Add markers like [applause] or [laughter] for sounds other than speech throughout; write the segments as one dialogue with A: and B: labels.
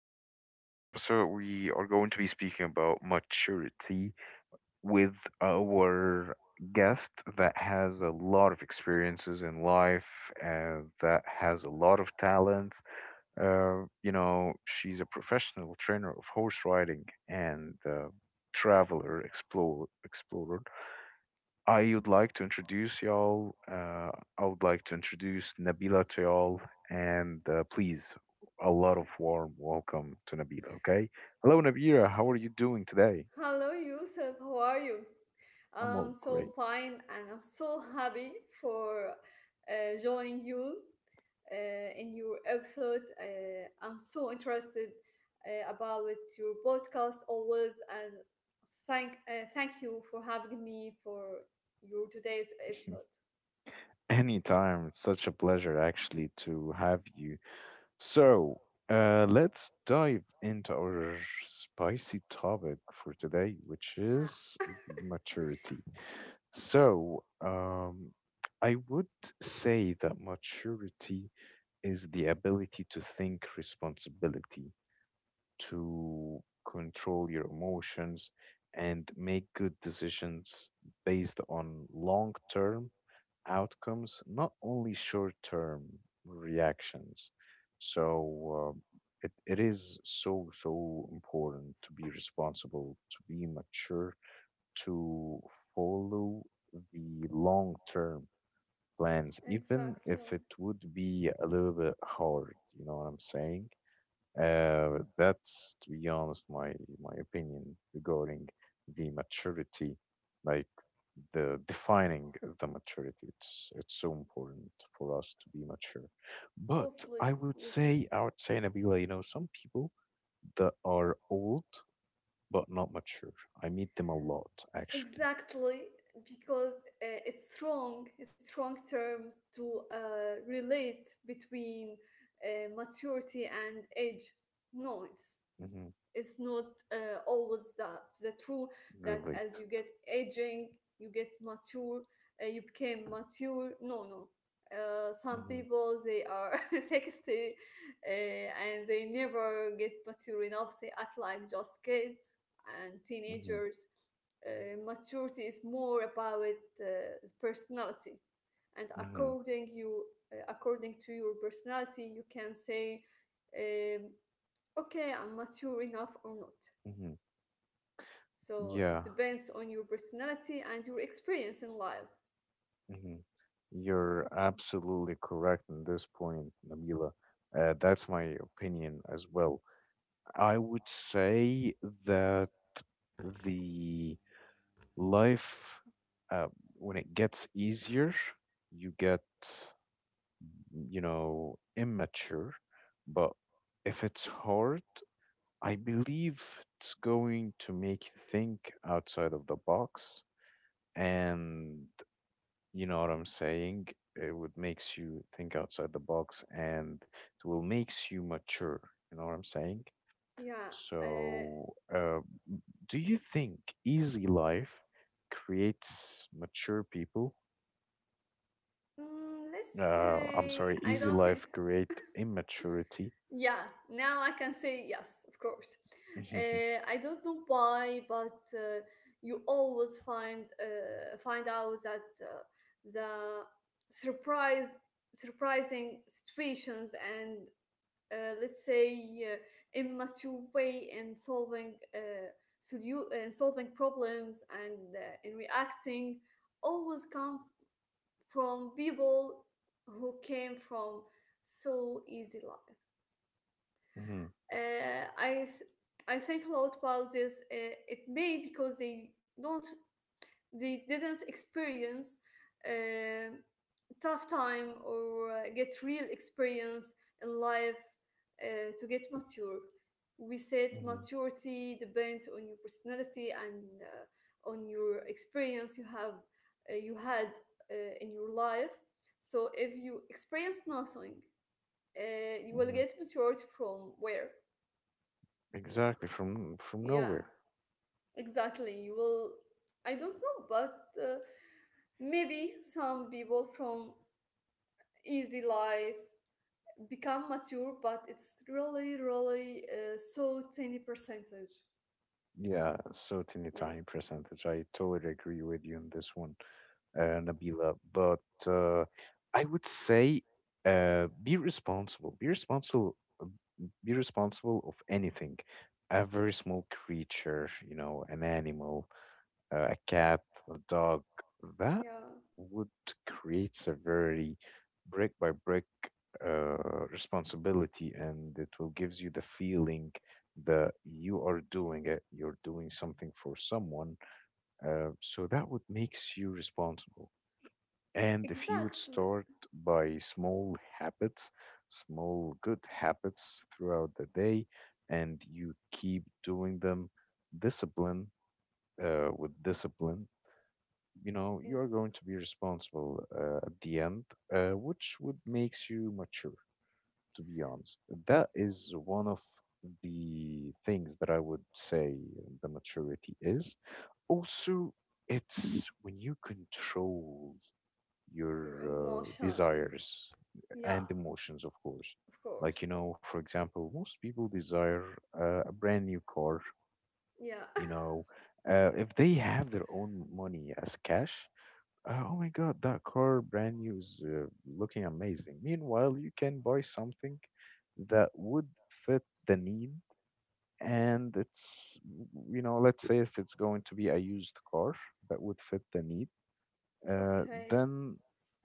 A: Today's episode, we are going to be speaking about maturity with our guest that has a lot of experiences in life, that has a lot of talents. You know, she's a professional trainer of horse riding and traveler, explorer. I would like to introduce y'all. Uh, I would like to introduce Nabila to y'all, and please, a lot of warm welcome to Nabila. Okay, hello Nabila, how are you doing today?
B: Hello, Yusuf. How are you?
A: I'm
B: I'm
A: all
B: so
A: great.
B: fine and I'm so happy for joining you in your episode. I'm so interested about your podcast always and thank you for having me for your today's episode.
A: Anytime, it's such a pleasure actually to have you. So, let's dive into our spicy topic for today, which is
B: Yeah,
A: the maturity. So, um, I would say that maturity is the ability to think responsibility, to control your emotions, and make good decisions based on long-term outcomes, not only short term reactions. So uh, it is so, so important to be responsible, to be mature, to follow the long term plans, even if
B: exactly.
A: it would be a little bit hard. You know what I'm saying? That's, to be honest, my opinion regarding the maturity, like the defining the maturity. It's so important for us to be mature. But
B: Totally with you.
A: I would say, Nabila, you know, some people that are old but not mature. I meet them a lot, actually.
B: Exactly, because it's wrong term to relate between maturity and age. No, it's
A: Hmm.
B: it's not always the true that as
A: Relate.
B: you get aging you get mature, you became mature. No, no, some
A: Hmm.
B: people they are [laughs] 60, and they never get mature enough. They act like just kids and
A: Hmm.
B: teenagers. Maturity is more about uh, personality and
A: Mm-hmm.
B: according you, according to your personality you can say, um, okay, I'm mature enough or not.
A: Mm-hmm.
B: So it
A: Yeah,
B: depends on your personality and your experience in life.
A: mm-hmm, you're absolutely correct in this point, Nabila. That's my opinion as well. I would say that the life, uh, when it gets easier, you get, you know, immature. But if it's hard, I believe it's going to make you think outside of the box. And you know what I'm saying? It would makes you think outside the box and it will makes you mature. You know what I'm saying?
B: Yeah. Uh,
A: So, do you think easy life creates mature people?
B: let's
A: I'm
B: say
A: sorry,
B: I
A: easy
B: don't think.
A: life create immaturity.
B: Yeah, now I can say yes, of course.
A: [laughs]
B: I don't know why, but you always find out that the surprise surprising situations and let's say, immature way in solving in solving problems and in reacting always come from people who came from so easy life.
A: Mhm, mhm,
B: Uh, I th- I think a lot about this. It may because they didn't experience um tough time or get real experience in life to get mature. We said
A: mhm,
B: maturity depends on your personality and on your experience you have, you had in your life. So if you experience nothing, you will
A: mhm.
B: get maturity from where?
A: Exactly, from
B: Yeah,
A: nowhere.
B: exactly. You will. I don't know, but maybe some people from easy life become mature, but it's really, really so tiny percentage.
A: Yeah, so teeny
B: Yeah,
A: tiny percentage. I totally agree with you on this one, Nabila. But uh, I would say Be responsible. Be responsible of anything. A very small creature, you know, an animal, a cat, a dog, that
B: yeah,
A: would create a very brick by brick uh, responsibility and it will gives you the feeling that you are doing it, you're doing something for someone. So that would makes you responsible. And if you would
B: exactly.
A: start by small habits, small good habits throughout the day, and you keep doing them discipline with discipline, you know you
B: Yeah,
A: are going to be responsible at the end, which would makes you mature. To be honest, that is one of the things that I would say. The maturity is also, it's when you control your
B: your emotions.
A: desires
B: Yeah,
A: and emotions, of course.
B: of
A: Like,
B: course.
A: you know, for example, most people desire a brand new car,
B: Yeah. [laughs]
A: you know, if they have their own money as cash. Oh my God, that car brand new is looking amazing. Meanwhile, you can buy something that would fit the need, and it's, you know, let's say if it's going to be a used car that would fit the need, uh,
B: Okay.
A: then,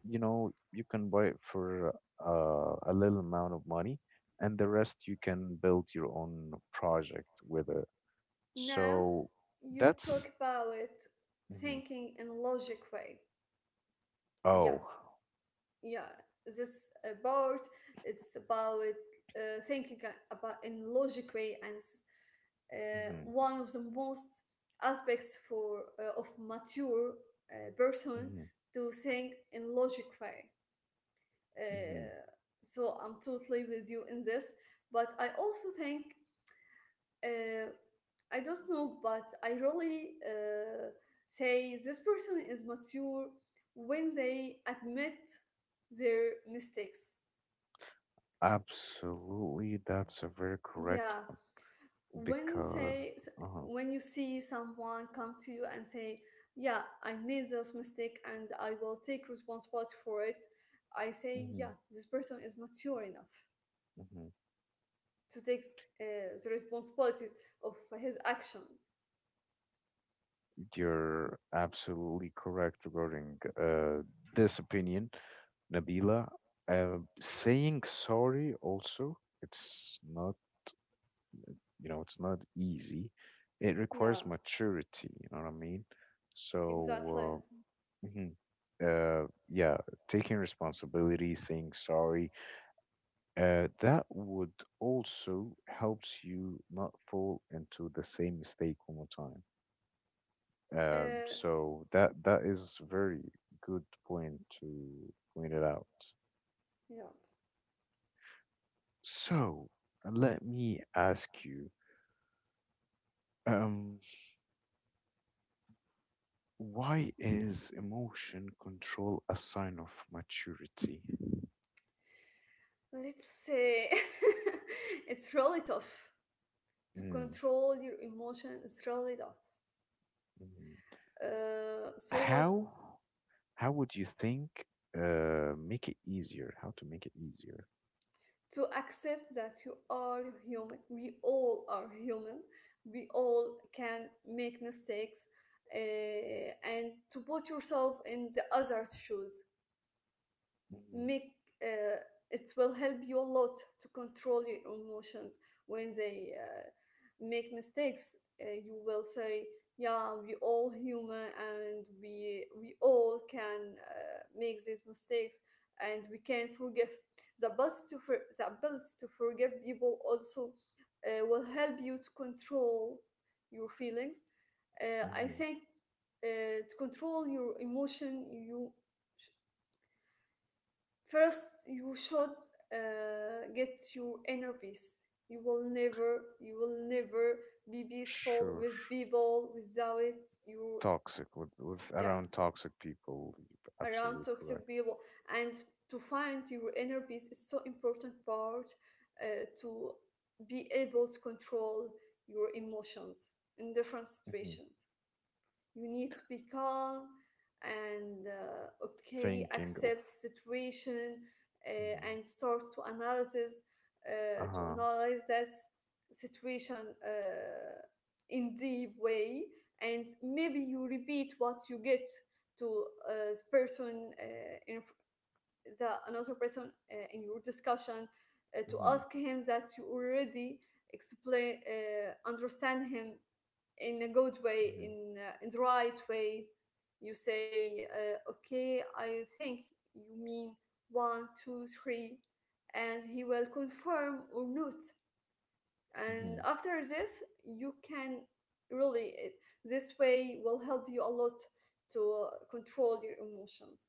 A: you know, you can buy it for a little amount of money, and the rest you can build your own project with it.
B: Now
A: So
B: you talk
A: that's,
B: about
A: mhm.
B: thinking in logic way. Yeah,
A: Oh,
B: yeah. This about it's about about in logic way, and
A: hmm.
B: one of the most aspects for of mature person
A: Hmm.
B: to think in logic way.
A: Hmm.
B: Uh, so I'm totally with you in this, but I also think, uh, I don't know, but I really say this person is mature when they admit their mistakes.
A: Absolutely, that's a very correct,
B: Yeah, when
A: because
B: say s-
A: uh
B: when you see someone come to you and say, yeah, I made this mistake and I will take responsibility for it. I say,
A: hmm.
B: yeah, this person is mature enough
A: Hmm.
B: to take uh, the responsibilities of his action.
A: You're absolutely correct regarding this opinion, Nabila. Saying sorry also, it's not, you know, it's not easy. It requires
B: Yeah,
A: maturity, you know what I mean?
B: exactly.
A: So, uh, mhm, yeah, taking responsibility, saying sorry. That would also helps you not fall into the same mistake one more time. Um,
B: uh,
A: so that that is very good point to point it out.
B: yeah
A: So let me ask you, um, why is emotion control a sign of maturity?
B: let's say [laughs] it's really tough to
A: Mm,
B: control your emotion. It's really tough,
A: mhm.
B: so let
A: How how would you think make it easier? How to make it easier?
B: to accept that you are human. We all are human. We all can make mistakes, and to put yourself in the other's shoes
A: Hmm.
B: make uh, it will help you a lot to control your emotions. When they make mistakes, you will say, yeah, we all human and we all can make these mistakes, and we can forgive. The the ability to forgive people also will help you to control your feelings, uh, i
A: Hmm.
B: think To control your emotion you sh- first, you should get your inner peace. You will never be peaceful
A: Sure,
B: with
A: sure.
B: people without you,
A: Toxic, with
B: yeah,
A: around toxic people, you're
B: around
A: absolutely correct.
B: toxic people. And to find your inner peace is so important part to be able to control your emotions in different
A: Hmm.
B: situations. You need to be calm and, okay,
A: Thinking of,
B: accept situation uh,
A: mhm,
B: and start to analysis uh, to
A: uh-huh.
B: analyze this situation uh, in deep way. And maybe you repeat what you get to the person in the another person in your discussion to
A: Hmm.
B: ask him that you already explain understand him in a good way
A: Hmm.
B: in the right way. You say, okay, I think you mean 1, 2, 3 and he will confirm or not. And
A: Hmm.
B: after this you can really, this way will help you a lot to control your emotions.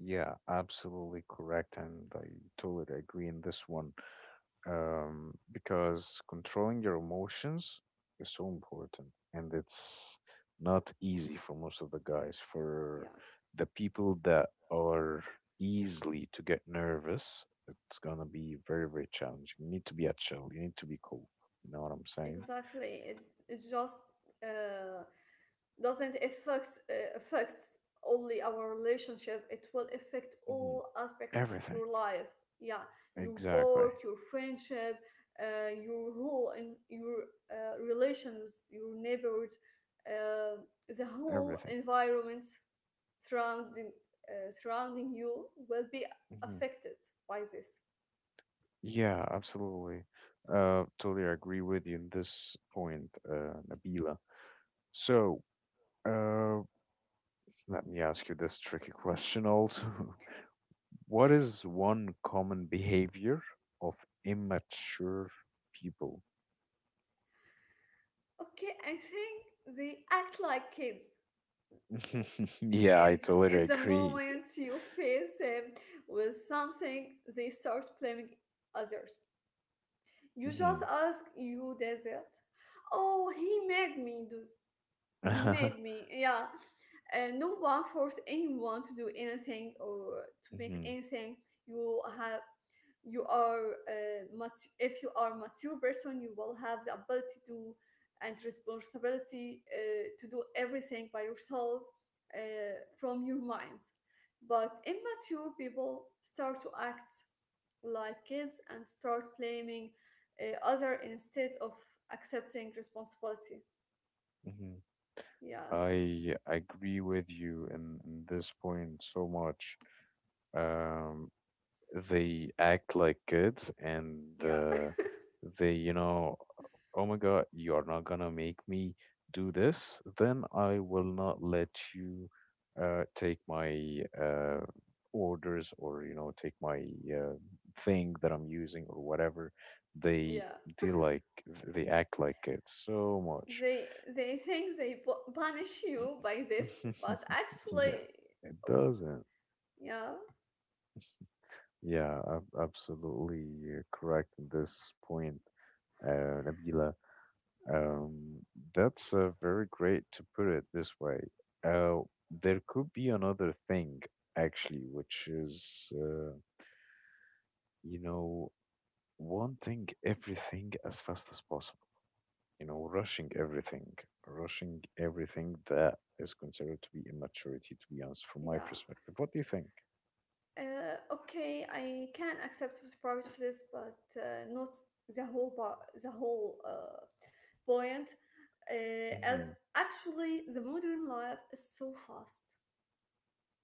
A: Yeah, absolutely correct, and I totally agree in this one. Because controlling your emotions is so important and it's not easy for most of the guys, for
B: Yeah.
A: the people that are easily to get nervous. It's gonna be very very challenging. You need to be at chill, you need to be cool. You know what I'm saying?
B: Exactly. It just uh, doesn't affect affects only our relationship. It will affect
A: Hmm.
B: all aspects of
A: Everything.
B: your life. Yeah, your
A: Exactly.
B: work, your friendship, your whole and your relations, your neighborhoods, uh, the whole
A: Everything.
B: environment surrounding surrounding you will be
A: Hmm.
B: affected by this.
A: Yeah, absolutely. Totally agree with you in this point, Nabila. So, uh let me ask you this tricky question also. [laughs] What is one common behavior of immature people?
B: Okay, I think they act like kids,
A: [laughs] Yeah, I
B: and
A: totally
B: in the
A: agree.
B: moment you face them with something, they start blaming others. You
A: Hmm.
B: just ask, you did it. Oh, he made me, yeah. No one forced anyone to do anything or to make
A: [laughs]
B: anything. you have you are, much, if you are mature person, you will have the ability to and responsibility to do everything by yourself, uh, from your mind. But immature people start to act like kids and start blaming other instead of accepting responsibility.
A: Hmm.
B: Yeah, so
A: I agree with you in this point so much. Um, they act like kids and
B: yeah.
A: they, you know, oh my god, you're not gonna make me do this, then I will not let you take my orders or, you know, take my uh, thing that I'm using or whatever. They
B: Yeah,
A: deal like, they act like it so much.
B: they think they punish you by this,
A: [laughs]
B: but
A: Yeah,
B: actually,
A: it
B: oh,
A: doesn't.
B: yeah,
A: Yeah, absolutely correct in this point, Nabila. Um, that's very great to put it this way. Uh, there could be another thing, actually, which is, you know, wanting everything as fast as possible, you know, rushing everything that is considered to be immaturity, to be honest, from my
B: yeah.
A: perspective. What do you think?
B: Okay, I can accept with part of this, but not the whole part, the whole point. As
A: Mm-hmm,
B: actually, the modern life is so fast.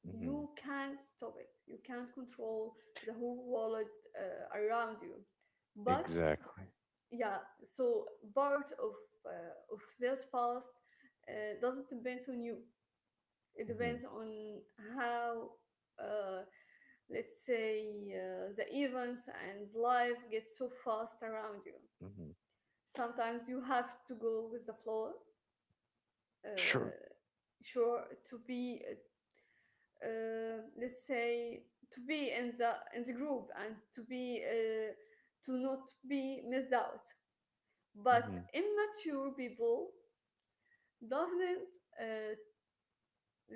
A: mm-hmm,
B: You can't stop it. You can't control the whole world around you. But
A: exactly.
B: yeah, so part of this fast doesn't depend on you. It
A: Mm-hmm,
B: depends on how, uh, let's say, the events and life get so fast around you.
A: mm-hmm,
B: Sometimes you have to go with the flow,
A: sure.
B: uh, sure, to be, let's say, to be in the group and to be, to not be missed out. But
A: Mm-hmm,
B: immature people doesn't, uh,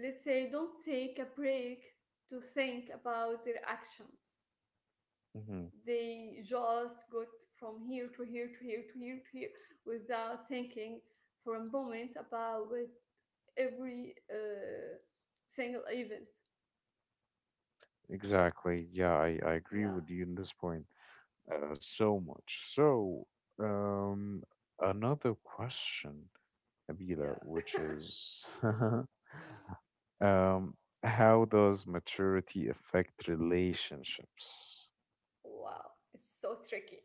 B: let's say, don't take a break to think about their actions.
A: mm-hmm,
B: They just got from here to here to here to here to here without thinking for a moment about every single event.
A: exactly. Yeah, I agree
B: Yeah,
A: with you in this point. So much. So, um, another question,
B: yeah.
A: Nabila, which is, [laughs] um, how does maturity affect relationships?
B: Wow, it's so tricky.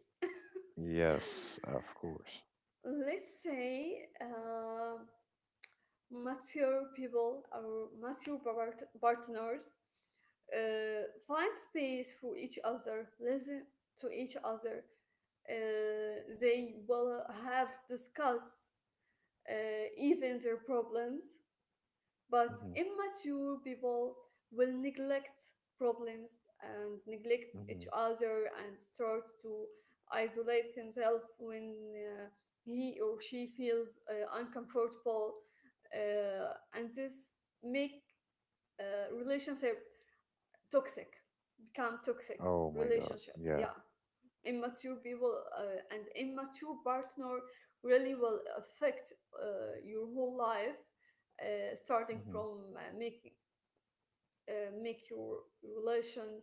A: Yes, of course.
B: [laughs] Let's say mature people, our mature partners, find space for each other, listen to each other. They will have discuss uh, even their problems, but
A: Mm-hmm.
B: immature people will neglect problems and neglect
A: Mm-hmm.
B: each other and start to isolate themselves when, uh, he or she feels uncomfortable, and this make relationship toxic become toxic
A: Oh my God.
B: relationship.
A: Yeah.
B: Yeah, immature people and immature partner really will affect your whole life, starting
A: Mm-hmm.
B: from making make your relation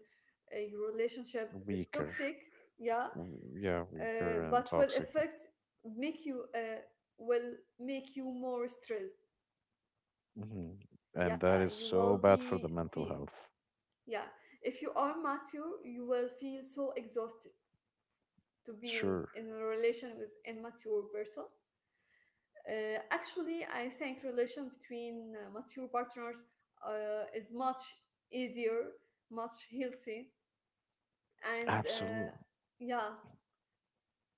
B: your relationship is
A: Weaker.
B: toxic. Yeah,
A: Yeah, weaker and
B: but will
A: toxic.
B: affect make you, will make you more stressed.
A: Mm-hmm. And that
B: Yeah,
A: is
B: you
A: so
B: will
A: bad for the
B: be
A: mental
B: fe-
A: health.
B: yeah, if you are mature, you will feel so exhausted to be
A: Sure.
B: in a relation with immature person. Actually, I think relation between mature partners is much easier, much healthy, and,
A: Absolutely.
B: yeah,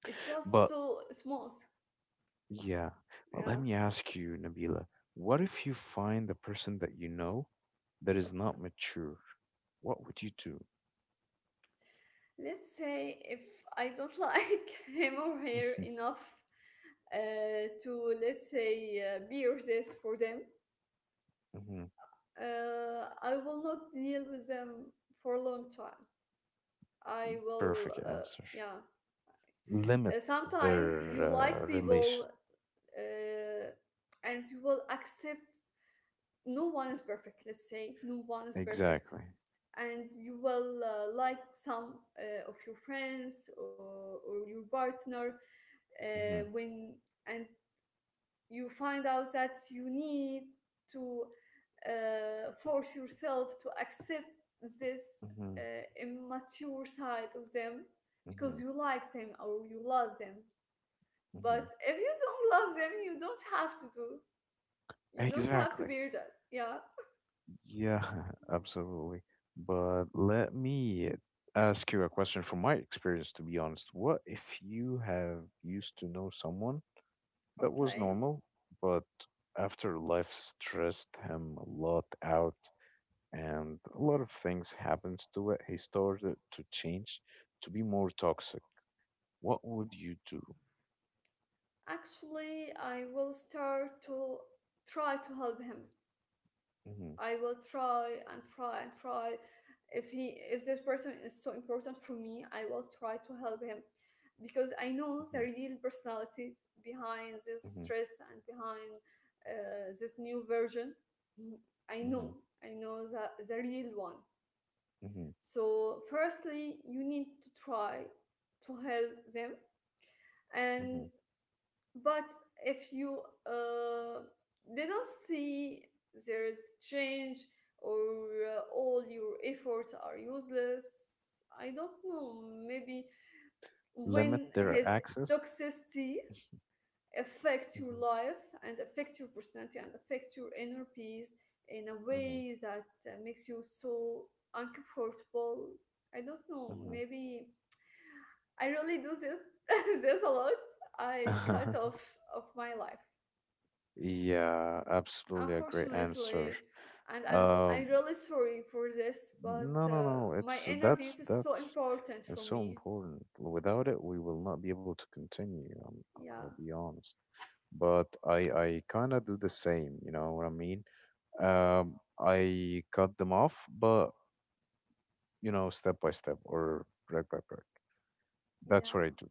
B: it's just
A: But
B: so smooth.
A: yeah. Well, let
B: Yeah.
A: me ask you, Nabila, what if you find the person that you know that is not
B: Okay.
A: mature? What would you do?
B: Let's say if I don't like [laughs] him or her
A: Mhm,
B: enough to, let's say, be with this for them,
A: mhm.
B: I will not deal with them for a long time. I will,
A: Perfect answer.
B: yeah.
A: Limit
B: Sometimes
A: their
B: you like people
A: relation.
B: uh, and you will accept no one is perfect, let's say, no one is perfect.
A: Exactly.
B: And you will, like some of your friends or your partner
A: Hmm.
B: when and you find out that you need to force yourself to accept this
A: Hmm.
B: immature side of them because
A: Hmm.
B: you like them or you love them.
A: Hmm.
B: But if you don't love them, you don't have to do. You don't have to
A: Exactly.
B: bear that. Yeah.
A: Yeah, [laughs] absolutely. But let me ask you a question from my experience, to be honest. What if you have used to know someone? That was
B: Okay.
A: normal, but after life stressed him a lot out and a lot of things happens to it, he started to change to be more toxic. What would you do?
B: Actually, I will start to try to help him.
A: Hmm.
B: I will try and try and try. If this person is so important for me, I will try to help him because I know
A: Hmm.
B: the real personality behind this
A: Hmm.
B: stress and behind this new version. I
A: Hmm.
B: know, I know the real one.
A: Hmm.
B: So, firstly, you need to try to help them,
A: Hmm.
B: and but if you uh, didn't see there is change, or all your efforts are useless, I don't know. Maybe
A: Limit
B: when
A: their
B: his
A: access?
B: toxicity affects your
A: Hmm.
B: life and affect your personality and affect your inner peace in a
A: Hmm.
B: way that makes you so uncomfortable. I don't know.
A: Hmm.
B: Maybe I really do this [laughs] this a lot. I cut
A: [laughs]
B: off of my life.
A: Yeah, absolutely a great answer.
B: Unfortunately, and I'm
A: Um,
B: really sorry for this, but
A: No, no, no.
B: my
A: It's
B: inner peace is so
A: that's
B: important
A: it's
B: for
A: so
B: me.
A: important. Without it, we will not be able to continue.
B: Yeah,
A: I'll be honest. But I kind of do the same. You know what I mean? I cut them off, but you know, step by step or brick by brick. That's
B: yeah.
A: what I do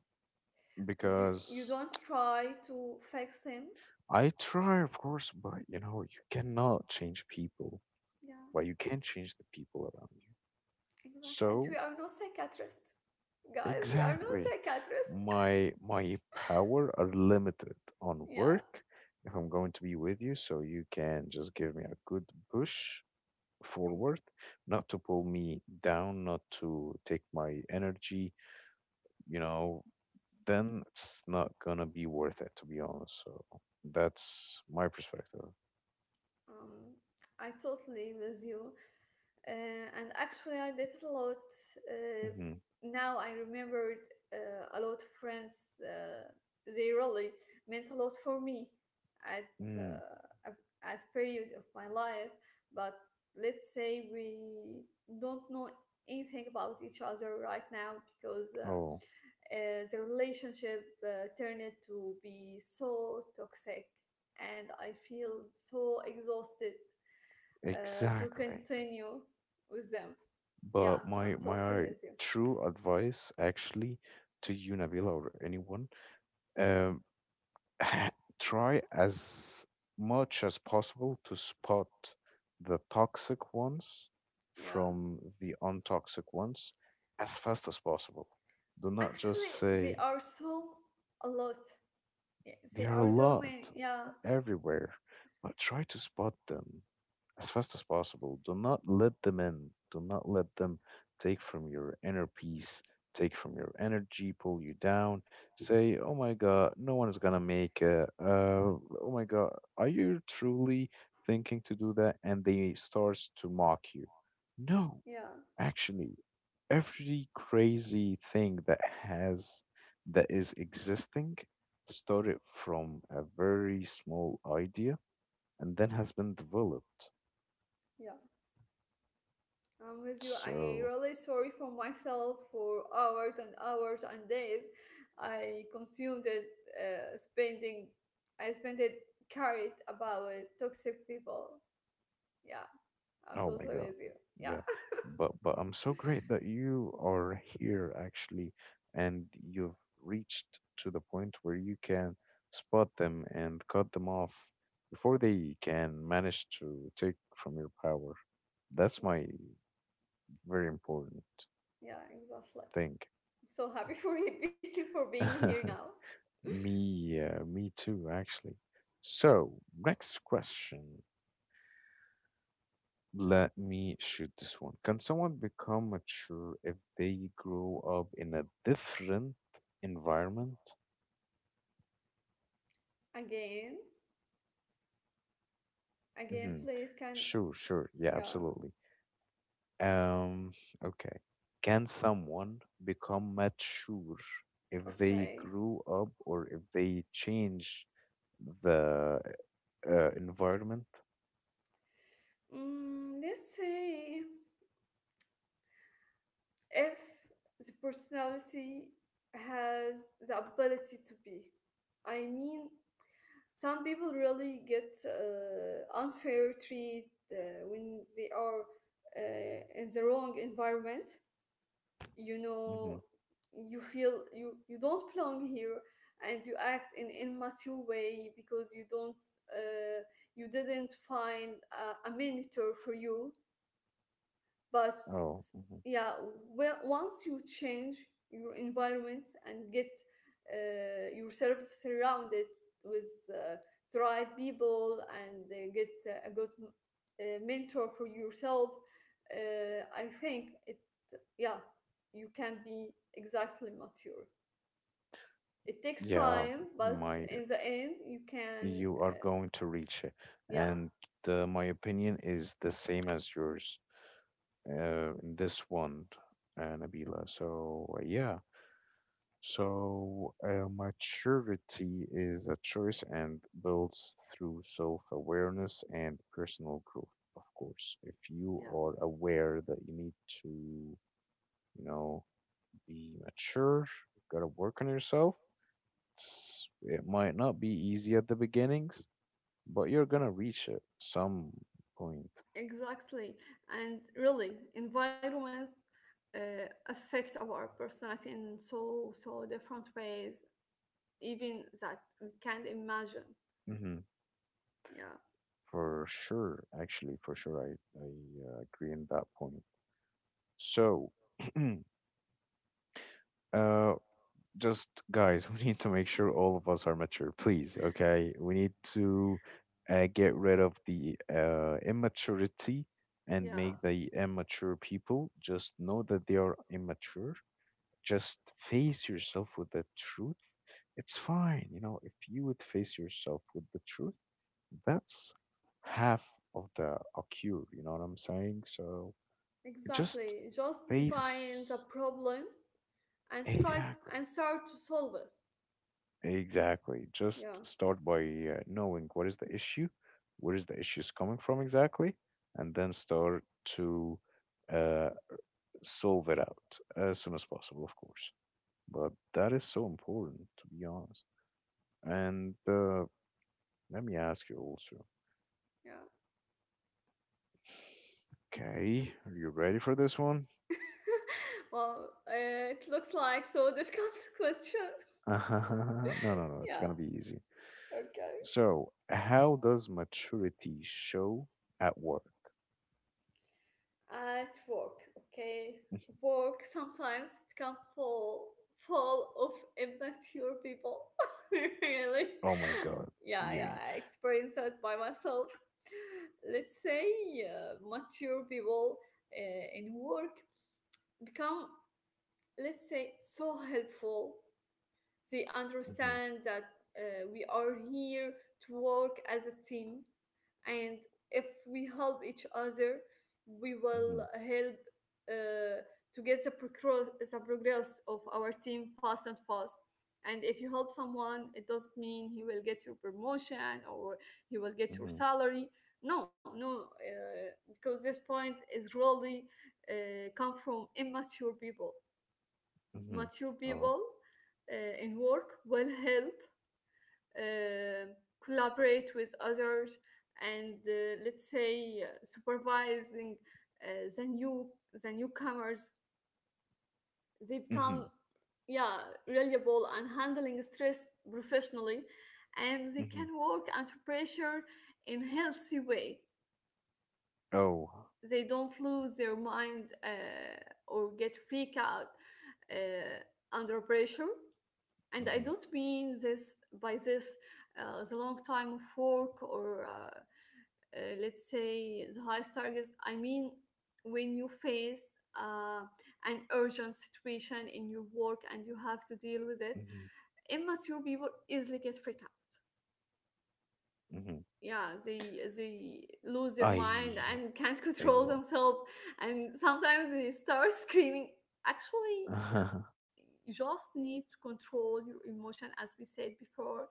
B: You
A: because
B: don't try to fix him.
A: I try, of course, but you know, you cannot change people,
B: Yeah,
A: but you can change the people around you.
B: exactly, and we
A: So
B: are no psychiatrists, guys, we are no
A: exactly.
B: psychiatrists.
A: My power are limited on
B: Yeah.
A: work. If I'm going to be with you, so you can just give me a good push forward, not to pull me down, not to take my energy, you know, then it's not gonna be worth it, to be honest. So that's my perspective.
B: Um i totally with you. And actually, I did it a lot. Uh,
A: Hmm.
B: now I remembered a lot of friends. They really meant a lot for me at,
A: Mm.
B: uh, at- at period of my life. But let's say we don't know anything about each other right now because
A: Oh,
B: the relationship turned to be so toxic, and I feel so exhausted to
A: exactly.
B: continue with them. Yeah,
A: But
B: I'm totally
A: my
B: with you.
A: true advice actually to you, Nabila, or anyone, Um, [laughs] try as much as possible to spot the toxic ones
B: Yeah.
A: from the untoxic ones as fast as possible. Do not just
B: Actually, they
A: say,
B: are so a lot. Yeah, they
A: there are a
B: are so
A: lot
B: many. Yeah,
A: everywhere, but try to spot them as fast as possible. Do not let them in. Do not let them take from your inner peace, take from your energy, pull you down. Say, oh my God, no one is going to make it. Oh my God, are you truly thinking to do that? And they starts to mock you. No,
B: yeah,
A: actually, every crazy thing that is existing started from a very small idea and then has been developed.
B: yeah. I'm with you. I
A: So,
B: really sorry for myself for hours and hours and days. I consumed it, uh, spending, I spent it carried about toxic people. Yeah, I'm
A: oh my
B: totally
A: God.
B: with you. Yeah,
A: Yeah. But I'm so great that you are here actually, and you've reached to the point where you can spot them and cut them off before they can manage to take from your power. That's
B: yeah,
A: my very important
B: yeah exactly.
A: thing.
B: I'm so happy for [laughs] for being here now.
A: [laughs] Me, me too, actually. So, next question. Let me shoot this one. Can someone become mature if they grow up in a different environment?
B: Again, again,
A: Hmm.
B: please can
A: Sure, sure. Yeah,
B: yeah,
A: absolutely. Um, okay. Can someone become mature if they
B: okay.
A: grew up or if they change the environment?
B: Mm, let's say if the personality has the ability to be. I mean, some people really get unfair treat when they are in the wrong environment. You know,
A: Hmm.
B: you feel you don't belong here and you act in immature way because you don't uh, you didn't find a mentor for you but
A: Oh, hmm,
B: yeah, well, once you change your environment and get yourself surrounded with uh, the right people and get a good mentor for yourself, I think it yeah, you can be exactly mature. It takes
A: yeah.
B: time, but
A: My,
B: in the end, you can,
A: you are going to reach it,
B: yeah.
A: and my opinion is the same as yours in this one, Nabila. So, yeah. So, maturity is a choice and builds through self awareness and personal growth, of course. If you
B: Yeah,
A: are aware that you need to, you know, be mature, you gotta work on yourself. It might not be easy at the beginnings, but you're gonna reach it some point.
B: exactly. And really, environment affects our personality in so so different ways, even that we can't imagine.
A: Hmm.
B: Yeah,
A: For sure, actually, for sure, I agree on that point. So, [clears throat] uh, just guys, [laughs] we need to make sure all of us are mature, please. Okay, we need to get rid of the immaturity and
B: yeah,
A: make the immature people just know that they are immature. Just face yourself with the truth. It's fine, you know, if you would face yourself with the truth. That's half of the cure, you know what I'm saying? So just
B: exactly. Just define the
A: face.
B: problem and try to,
A: Exactly,
B: and start to solve it.
A: exactly, just
B: Yeah,
A: start by knowing what is the issue, where is the issues coming from exactly, and then start to uh, solve it out as soon as possible, of course. But that is so important, to be honest. And let me ask you also.
B: yeah.
A: Okay, are you ready for this one?
B: [laughs] Well, it looks like so difficult [laughs] question.
A: [laughs] No, no, no, it's
B: Yeah,
A: gonna be easy.
B: okay.
A: So, how does maturity show at work?
B: At work, okay.
A: [laughs]
B: Work sometimes become full of immature people. [laughs] Really.
A: Oh my God.
B: Yeah, yeah,
A: You.
B: I experienced that by myself. Let's say mature people in work become, let's say, so helpful. They understand that we are here to work as a team, and if we help each other, we will
A: Mhm.
B: help uh, to get the progress of our team fast and fast. And if you help someone, it doesn't mean he will get your promotion or he will get your
A: Mhm.
B: salary. No, no, because this point is really come from immature people.
A: Mhm.
B: Mature
A: Oh.
B: people in work will help uh, collaborate with others and let's say supervising the new the newcomers they
A: Mhm.
B: become yeah reliable and handling stress professionally, and they can
A: Mhm.
B: work under pressure in healthy way.
A: Oh.
B: They don't lose their mind, or get freak out uh, under pressure. And I
A: Mhm.
B: don't mean this by this the long time of work or let's say the highest targets. I mean, when you face uh, an urgent situation in your work and you have to deal with it,
A: Mhm.
B: immature people easily get freaked out,
A: Mhm.
B: yeah, they lose their mind
A: I.
B: and can't [laughs] control
A: Exactly.
B: themselves, and sometimes they start screaming actually.
A: [laughs]
B: uh, you just need to control your emotion as we said before,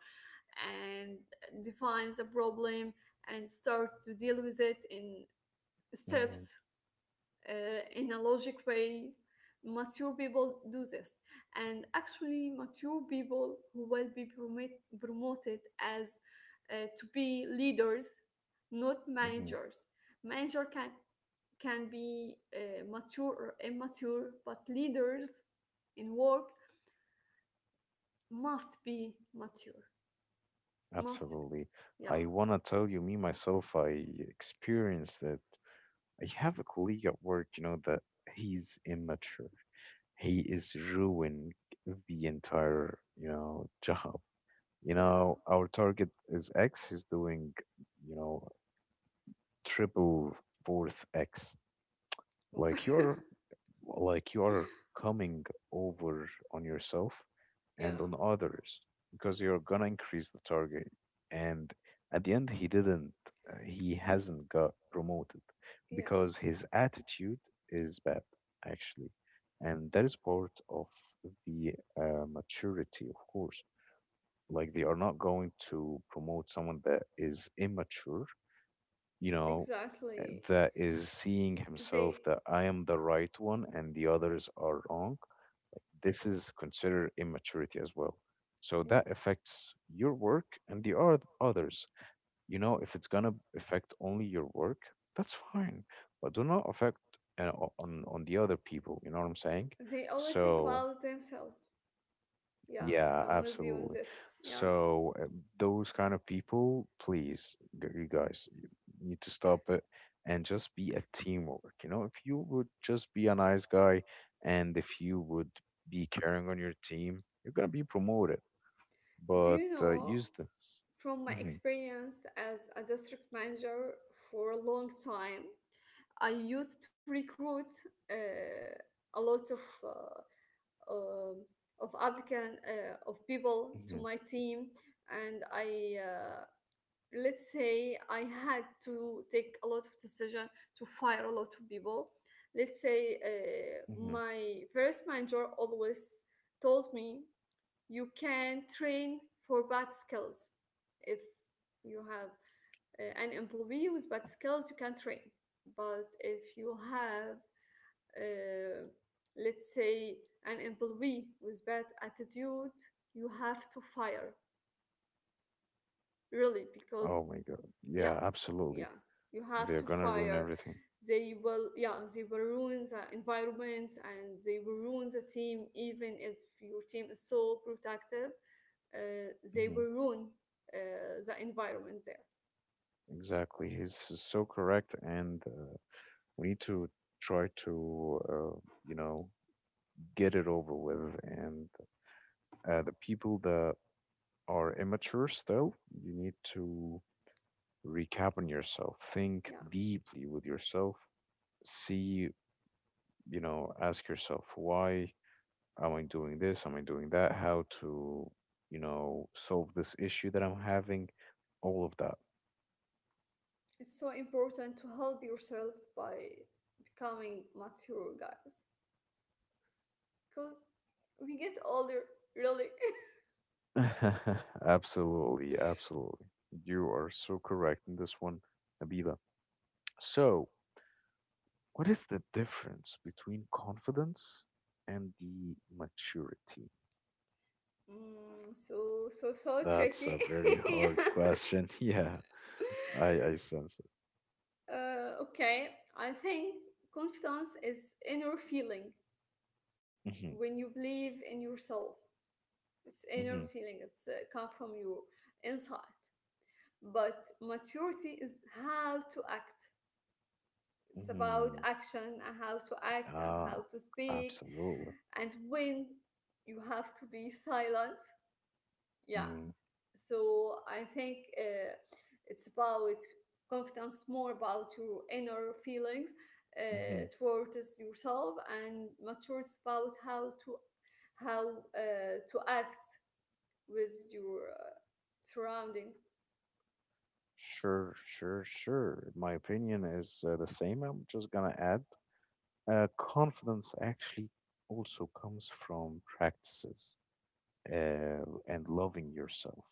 B: and define the problem and start to deal with it in
A: Mhm.
B: steps, in a logic way. Mature people do this, and actually mature people who will be promoted as to be leaders, not
A: Mhm.
B: managers. Manager can be mature or immature, but leaders in work must be mature. Must be.
A: Absolutely.
B: Yeah.
A: I wanna tell you, me myself, I experienced it. I have a colleague at work, you know, that he's immature. He is ruining the entire, you know, job. You
B: Yeah
A: know, our target is X. He's doing, you know, triple fourth X, like you're, like you are coming over on yourself
B: [laughs] yeah
A: and on others, because you're gonna increase the target. And at the end he didn't, he hasn't got promoted,
B: yeah
A: because his attitude is bad, actually. And that is part of the maturity, of course. Like, they are not going to promote someone that is immature, you know, eh,
B: exactly.
A: that is seeing himself
B: They
A: that I am the right one and the others are wrong. This is considered immaturity as well. So that affects your work and the others. You know, if it's gonna affect only your work, that's fine, but do not affect on the other people. You know what I'm saying?
B: they only think
A: So
B: about themselves. Yeah,
A: yeah,
B: I'm with you in
A: absolutely.
B: this. Yeah.
A: So those kind of people, please, you guys, you need to stop it and just be a teamwork. You know, if you would just be a nice guy and if you would be caring on your team, you're gonna be promoted.
B: Do
A: But
B: you know,
A: use the.
B: from my
A: Hmm.
B: experience as a district manager for a long time, I used to recruit uh, a lot um of applicant of people to
A: Hmm.
B: my team, and I let's say I had to take a lot of decision to fire a lot of people. Let's say
A: Hmm.
B: my first manager always told me you can train for bad skills. If you have an employee with bad skills, you can train. But if you have, uh, let's say, an employee with bad attitude, you have to fire, really, because
A: Oh my God. Yeah,
B: yeah,
A: absolutely.
B: yeah. You have
A: They're
B: to
A: gonna ruin
B: fire.
A: everything.
B: They will, yeah, they will ruin the environment and they will ruin the team, even if your team is so protective. They
A: Hmm.
B: will ruin the environment there.
A: Exactly. He's so correct, and we need to try to, you know, get it over with. And the people that are immature still, you need to recap on yourself, think
B: Yeah,
A: deeply with yourself, see, you know, ask yourself, why am I doing this? Am I doing that? How to, you know, solve this issue that I'm having? All of that.
B: it's so important to help yourself by becoming mature, guys, because we get older, really.
A: [laughs] Absolutely,
B: [laughs]
A: absolutely. You are so correct in this one, Nabila. So, what is the difference between confidence and the maturity?
B: Mm, so so so
A: That's a
B: tricky.
A: very
B: [laughs]
A: hard question. [laughs] Yeah,
B: Yeah.
A: I sense it.
B: Okay, I think confidence is inner feeling
A: Mm-hmm,
B: when you believe in yourself. It's inner
A: mm-hmm,
B: feeling. It's come from your inside. But maturity is how to act. It's about
A: mm-hmm.
B: action and how to act and how
A: Ah,
B: to speak,
A: absolutely.
B: and when you have to be silent. Yeah,
A: Mm,
B: so I think it's about confidence more about your inner feelings
A: mm-hmm.
B: towards yourself, and maturity is about how to act with your surrounding.
A: Sure, sure, sure. My opinion is the same. I'm just gonna add confidence actually also comes from practices and loving yourself.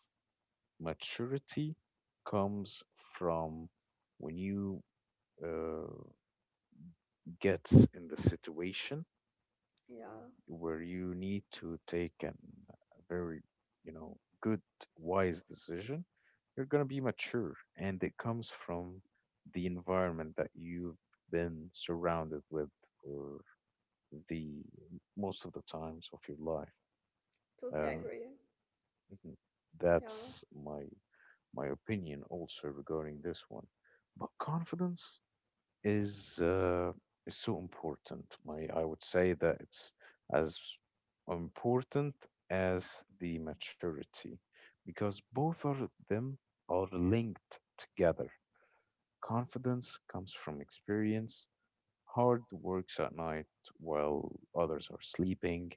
A: Maturity comes from when you uh, get in the situation
B: Yeah,
A: where you need to take an, a very, you know, good, wise decision. You're going to be mature, and it comes from the environment that you've been surrounded with for the most of the times of your life.
B: totally
A: Um.
B: agree.
A: Mhm. That's
B: yeah
A: my opinion also regarding this one. But confidence is uh, is so important. My I would say that it's as important as the maturity, because both of them are linked together. Confidence comes from experience, hard works at night while others are sleeping,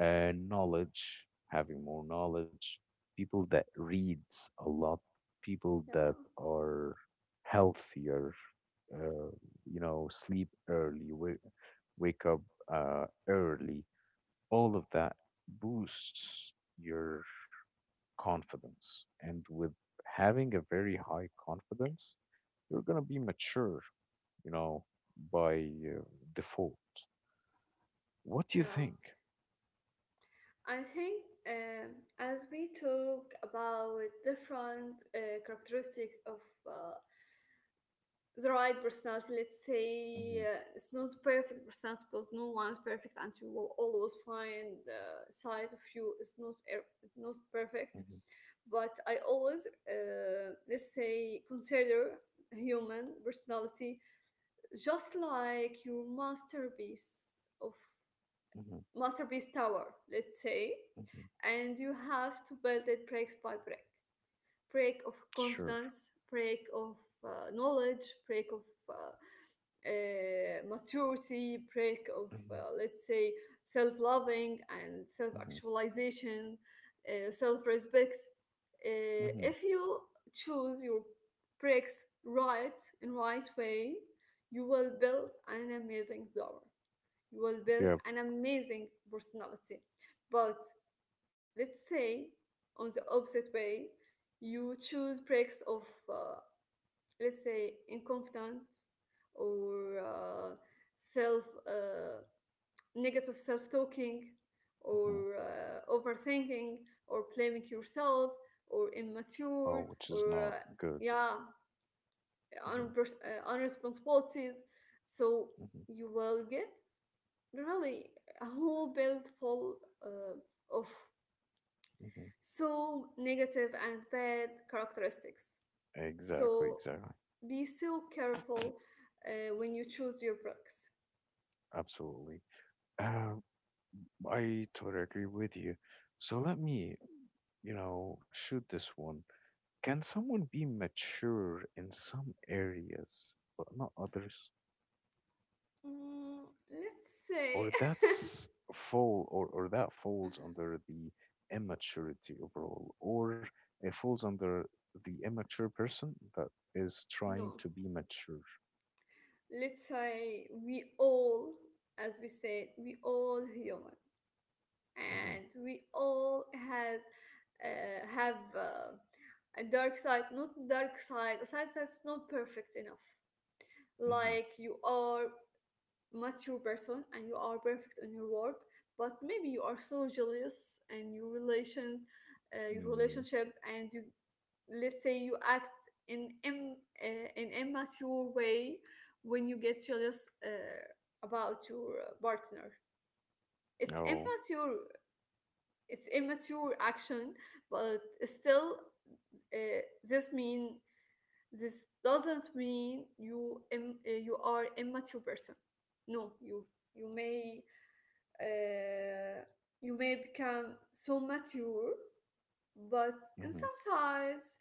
A: knowledge, having more knowledge, people that reads a lot, people that
B: yeah
A: are healthier, uh, you know, sleep early, wake up early. All of that boosts your confidence, and with having a very high confidence, you're gonna be mature, you know, by default. What do you
B: yeah
A: think?
B: I think um, as we talk about different characteristics of uh, the right personality. Let's say
A: Mhm,
B: it's not the perfect personality because no one's perfect, and you will always find the side of you is not perfect.
A: mhm,
B: But I always let's say consider human personality just like your masterpiece of
A: mhm,
B: masterpiece tower. Let's say,
A: mhm.
B: and you have to build it break by break. Break of
A: Sure.
B: confidence, break of knowledge, break of uh, maturity, break of,
A: Mhm,
B: let's say, self loving and self
A: mhm,
B: actualization, self respect.
A: mhm.
B: If you choose your breaks right in right way, you will build an amazing flower. You will build
A: Yeah.
B: an amazing personality. But let's say on the opposite way, you choose breaks of uh, let's say incompetent or self negative self talking
A: Mhm.
B: or overthinking or blaming yourself or
A: Oh,
B: immature
A: which is
B: or
A: not good.
B: yeah
A: Mhm,
B: unresponsibilities, so
A: mhm,
B: you will get really a whole build full of
A: mhm.
B: so negative and bad characteristics.
A: Exactly,
B: So
A: exactly.
B: be so careful when you choose your books.
A: Absolutely. Uh, I totally agree with you. So let me, you know, shoot this one. Can someone be mature in some areas but not others?
B: Mm, let's say,
A: Or that's fall, or that falls under the immaturity overall, or it falls under the immature person that is
B: [laughs]
A: trying
B: no,
A: to be mature.
B: let's say as we said, we all human
A: Hmm.
B: and we all has have a dark side, not dark side, a side that's not perfect enough.
A: Hmm.
B: Like you are mature person and you are perfect in your work, but maybe you are so jealous and your relation your
A: Mm.
B: relationship, and you let's say you act in an immature way when you get jealous about your partner. It's
A: Oh.
B: immature, it's immature action, but still, uh, this mean this doesn't mean you are immature person. No, you may uh, you may become so mature, but in
A: Hmm.
B: some sides,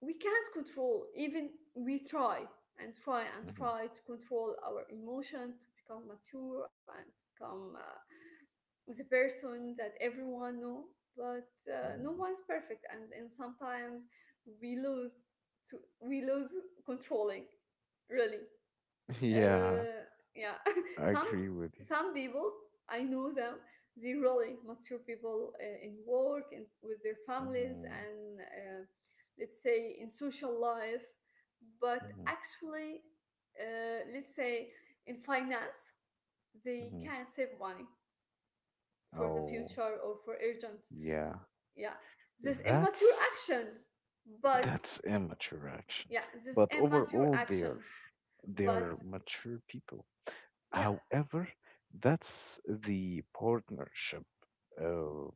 B: we can't control, even we try and try and
A: Hmm.
B: try to control our emotion to become mature and become the person that everyone know, but no
A: Hmm.
B: one's perfect, and sometimes we lose to, we lose controlling, really,
A: [laughs] Yeah,
B: uh, yeah. [laughs]
A: I
B: some
A: agree with you.
B: some people I know them. They really mature people in work and with their families
A: Hmm.
B: and let's say in social life, but
A: Hmm.
B: actually, let's say in finance, they
A: Hmm.
B: can save money for the
A: Oh.
B: future or for urgent.
A: Yeah,
B: Yeah, this immature action,
A: that's
B: but
A: that's immature action.
B: yeah,
A: But
B: this immature
A: overall
B: action,
A: they are
B: but
A: mature people.
B: yeah,
A: However, that's the partnership uh,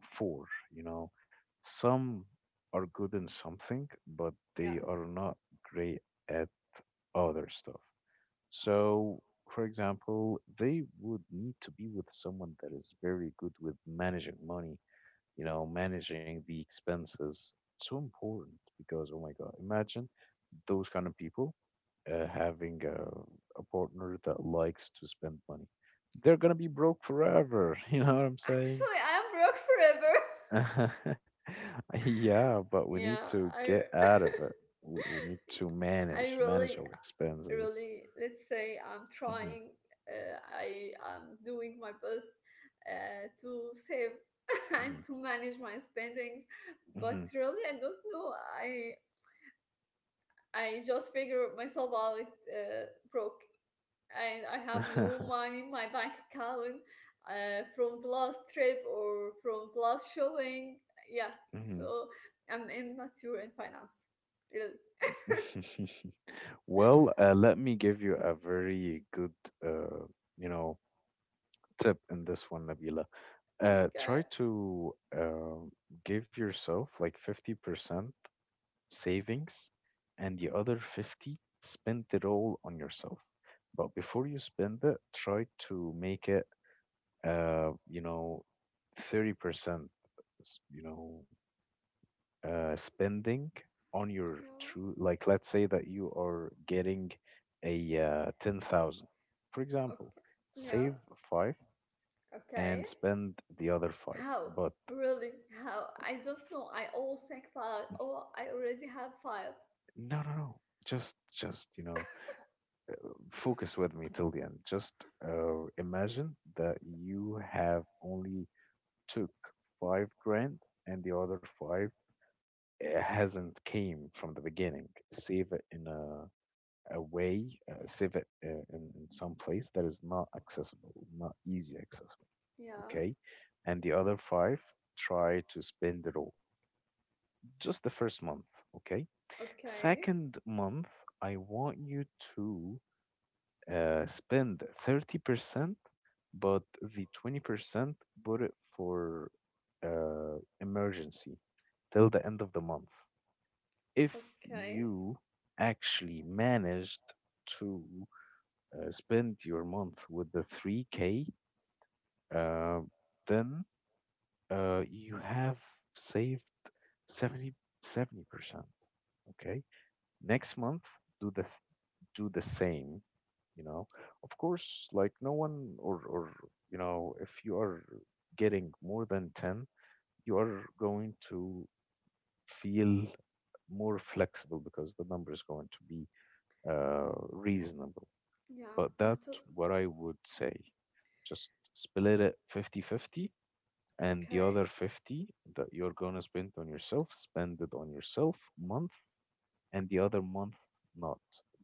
A: for, you know, some are good in something, but
B: yeah.
A: they are not great at other stuff. So, for example, they would need to be with someone that is very good with managing money, you know, managing the expenses. So important, because, oh my God, imagine those kind of people having a partner that likes to spend money. They're going to be broke forever. [laughs] You know what I'm saying?
B: Actually, I'm broke forever. [laughs]
A: [laughs] Yeah, but we need
B: Yeah,
A: to
B: I,
A: get out of
B: [laughs]
A: it. We need
B: yeah,
A: to
B: I really,
A: manage our expenses.
B: really, let's say I'm
A: Mhm,
B: trying. I am doing my best to save [laughs] and
A: mhm,
B: to manage my spending, but
A: mhm,
B: really, I don't know. I just figure myself out uh, broke, and I have no money in my bank account from the last trip or from the last shopping. Yeah,
A: [laughs]
B: so I'm immature in finance. Really. [laughs]
A: mhm. [laughs] Well, let me give you a very good, uh, you know, tip in this one, Nabila.
B: Okay.
A: Try to give yourself like 50% savings and the other 50 spend it all on yourself. But before you spend it, try to make it, you know, 30%, you know, spending on your
B: Yeah.
A: true, like, let's say that you are getting a 10,000, for example,
B: Okay. Yeah.
A: save five and
B: Okay.
A: spend the other five.
B: How?
A: But
B: Really? How? I don't know. I always think about, oh, I already have five.
A: no, no, no. Just, you know, focus with me till the end. Just imagine that you have only took 5 grand and the other five hasn't came from the beginning. Save it in a way, save it in some place that is not accessible, not easy accessible.
B: Yeah.
A: Okay. And the other five, try to spend it all. Just the first month. Okay.
B: Okay.
A: Second month, I want you to spend 30%, but the 20% put it for emergency till the end of the month. If
B: Okay.
A: you actually managed to spend your month with the 3K, uh, then you have saved seventy seventy percent. Okay. Next month, do the same, you know, of course. Like no one or, you know, if you are getting more than 10, you are going to feel more flexible, because the number is going to be reasonable.
B: Yeah.
A: But
B: I'm
A: that
B: too.
A: what I would say, just split it 50-50, and the
B: Okay.
A: other 50 that you're going to spend on yourself spend it on yourself month and the other month not.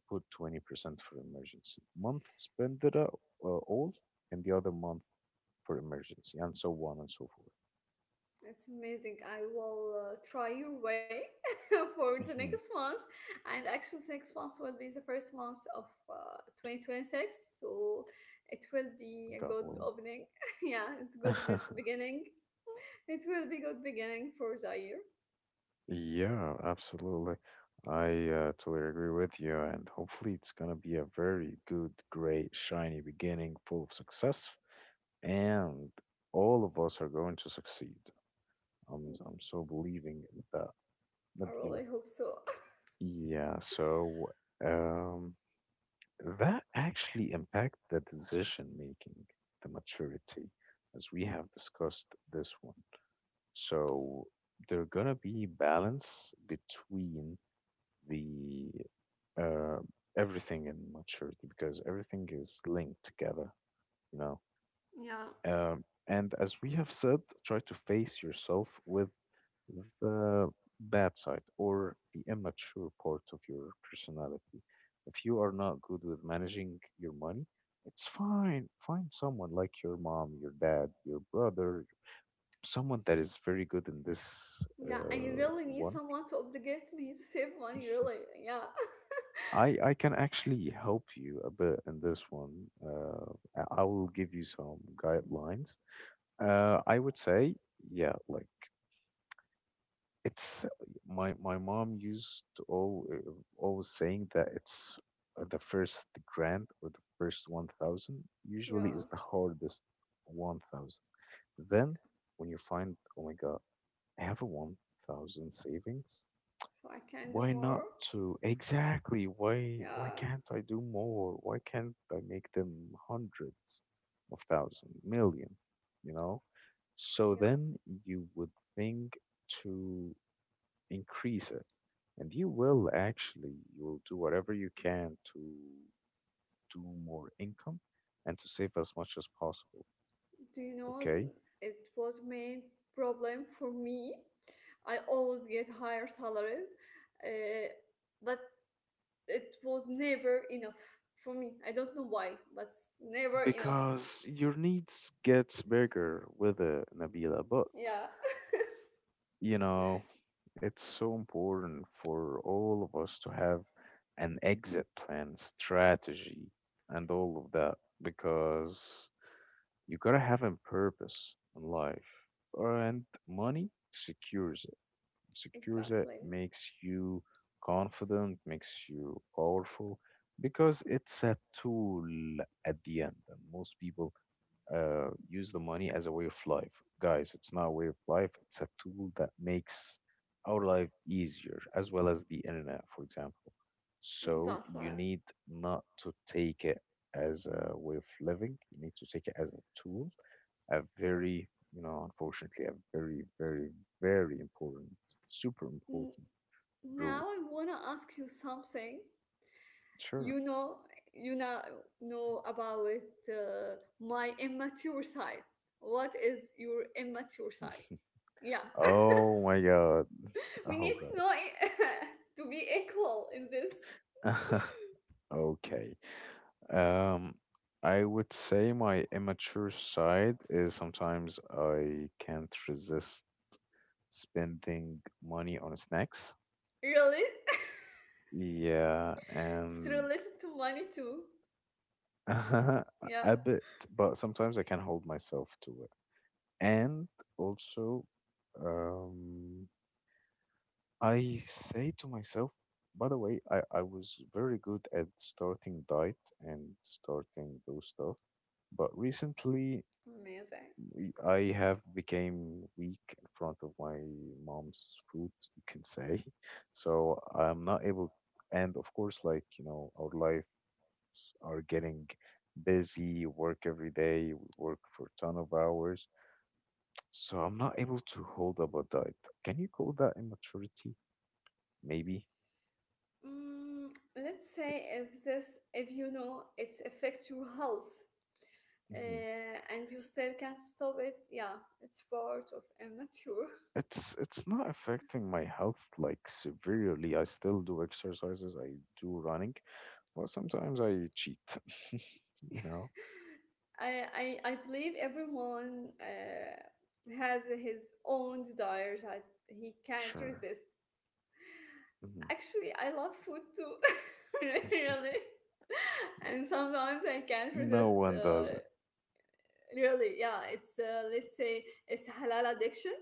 A: Put 20% for emergency. Month spendera all, and the other month for emergency, and so on and so forth.
B: It's amazing. I will try your way [laughs] for the
A: Hmm.
B: next month. And actually, the next month will be the first month of 2026. So it will be a
A: Got
B: good
A: one.
B: opening. [laughs] Yeah, it's
A: [laughs]
B: beginning. It will be good beginning for the year.
A: Yeah, absolutely. I totally agree with you, and hopefully it's gonna be a very good, great, shiny beginning, full of success, and all of us are going to succeed.
B: It's-
A: I'm so believing in that,
B: I
A: Nabila.
B: really hope so. [laughs]
A: Yeah, so um that actually impact the decision making, the maturity, as we have discussed this one. So there gonna be balance between the uh, everything and maturity, because everything is linked together, you know.
B: Yeah.
A: Um, and as we have said, try to face yourself with the bad side or the immature part of your personality. If you are not good with managing your money, it's fine. Find someone like your mom, your dad, your brother, someone that is very good in this
B: Yeah, I really need
A: one.
B: someone to obligate me to save money, really. Yeah. [laughs]
A: I can actually help you a bit in this one. I will give you some guidelines. I would say, yeah, like it's my mom used to all, always saying that it's the first grand or the first 1000 usually is
B: Yeah.
A: the hardest 1000. Then when you find, oh my God, I have a 1000 savings.
B: So I can do
A: Why
B: more.
A: not to exactly, why
B: Yeah.
A: can't I do more? Why can't I make them hundreds of thousand, million, you know? So
B: Yeah.
A: then you would think to increase it and you will actually you will do whatever you can to do more income and to save as much as possible.
B: Do you know
A: Okay,
B: the it was main problem for me. I always get higher salaries, uh, but it was never enough for me. I don't know why, but it's never enough.
A: because your needs gets bigger with it, Nabila. But
B: Yeah,
A: you know, it's so important for all of us to have an exit plan strategy and all of that, because you gotta have a purpose in life and money secures it, secures it,
B: exactly,
A: makes you confident, makes you powerful, because it's a tool at the end. And most people use the money as a way of life. Guys, it's not a way of life, it's a tool that makes our life easier, as well as the internet, for example. So you
B: exactly.
A: need not to take it as a way of living, you need to take it as a tool, a very, unfortunately, a very, very, very important, super
B: N-
A: important
B: Now I
A: rule.
B: want to ask you something. You
A: Sure.
B: know, you know about uh, my immature side, what is your immature side? Yeah,
A: Oh my God.
B: we
A: All
B: need to know [laughs] to be equal in this.
A: right. [laughs] Okay. Um, I would say my immature side is sometimes I can't resist spending money on snacks.
B: Really?
A: Yeah,
B: It's
A: and
B: related to money too.
A: [laughs]
B: Yeah.
A: a bit, but sometimes I can hold myself to it. And also, um, I say to myself, by the way, I was very good at starting diet and starting those stuff, but recently
B: Amazing.
A: I have became weak in front of my mom's food, you can say. [laughs] So I'm not able, and of course, like, our lives are getting busy, work every day, we work for a ton of hours. So I'm not able to hold up a diet. Can you call that immaturity? Maybe.
B: Mm, let's say if this, if you know it affects your health
A: Hmm.
B: and you still can't stop it, yeah, it's part of immature.
A: It's not affecting my health like severely. I still do exercises. I do running. Well, sometimes I cheat, [laughs] you know?
B: [laughs] I, I believe everyone has his own desires that he can't
A: Sure.
B: resist.
A: Hmm.
B: Actually, I love food too, [laughs] really. And sometimes I can't
A: No
B: resist.
A: one does it.
B: Really, yeah. It's let's say it's halal addiction.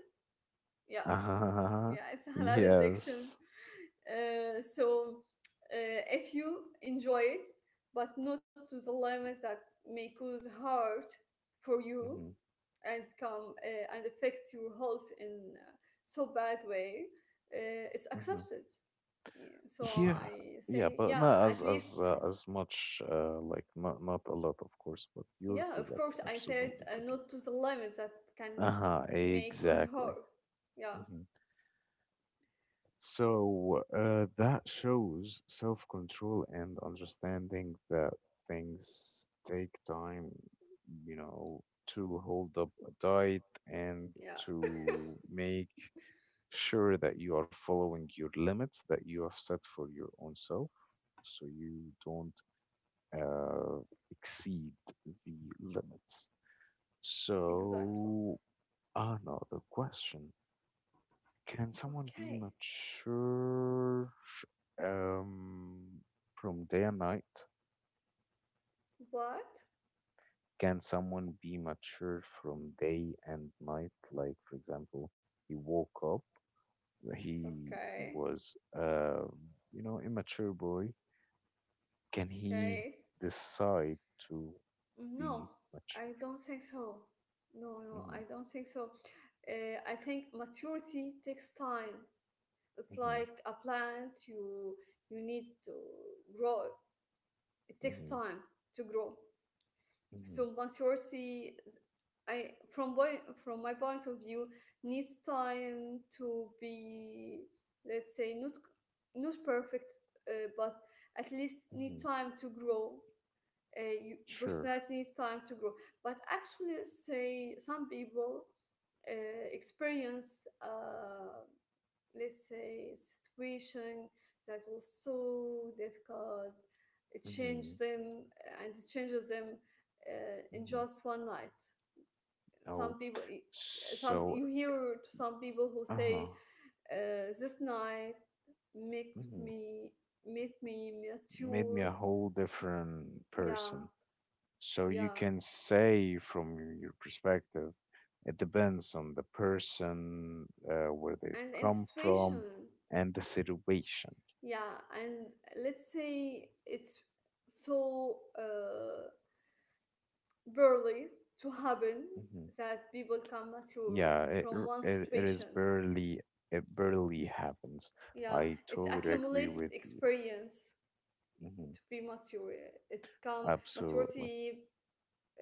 B: Yeah,
A: Uh-huh.
B: yeah. It's halal addiction.
A: Yes.
B: So if you enjoy it, but not to the limits that may cause hurt for you
A: Hmm.
B: and come and affect your health in so bad way, it's
A: Hmm.
B: accepted. Yeah, so
A: Yeah.
B: I
A: Yeah,
B: say,
A: but
B: yeah,
A: not
B: at
A: as
B: least,
A: as much like, not not a lot, of course, but you're
B: yeah, of
A: correct.
B: course, I said
A: Absolutely correct.
B: not to the limit that can
A: Uh-huh,
B: make us
A: exactly.
B: hurt. Yeah,
A: Mhm. So that shows self control and understanding that things take time, you know, to hold up a diet and
B: yeah,
A: to make sure that you are following your limits that you have set for your own self so you don't uh, exceed the limits.
B: exactly.
A: So, I know the question, can someone be
B: Okay,
A: mature, um, from day and night?
B: what?
A: Can someone be mature from day and night? Like, for example, he woke up, he
B: Okay,
A: was, immature boy. Can he
B: okay.
A: decide to
B: No,
A: be
B: I
A: mature?
B: don't think so. No, no, I
A: Hmm.
B: don't think so. I think maturity takes time. It's
A: Hmm.
B: like a plant. You need to grow. It takes
A: Hmm.
B: time to grow.
A: Hmm.
B: So maturity, I from boy, from my point of view, needs time to be, let's say, not perfect, but at least need
A: Hmm.
B: time to grow. You,
A: Sure.
B: personality needs time to grow. But actually, say some people experience, let's say, situation that was so difficult, it changed
A: Hmm.
B: them and it changes them in
A: Hmm.
B: just one night.
A: Oh,
B: Some people, some
A: so,
B: you hear to some people who
A: uh-huh.
B: say, "This night makes
A: Mhm.
B: me made me
A: Made me
B: mature."
A: a whole different
B: Yeah,
A: person. So you
B: yeah.
A: can say from your perspective, it depends on the person, where they
B: And in
A: come
B: situation,
A: from, and the situation.
B: yeah, and let's say it's so barely to happen
A: Hmm.
B: that people come mature
A: Yeah, it,
B: from
A: r-
B: one
A: it it is
B: situation.
A: barely, it barely happens.
B: Yeah,
A: I
B: it's
A: totally agree
B: accumulated
A: with you.
B: experience
A: Hmm.
B: to be mature. It's become
A: Absolutely.
B: maturity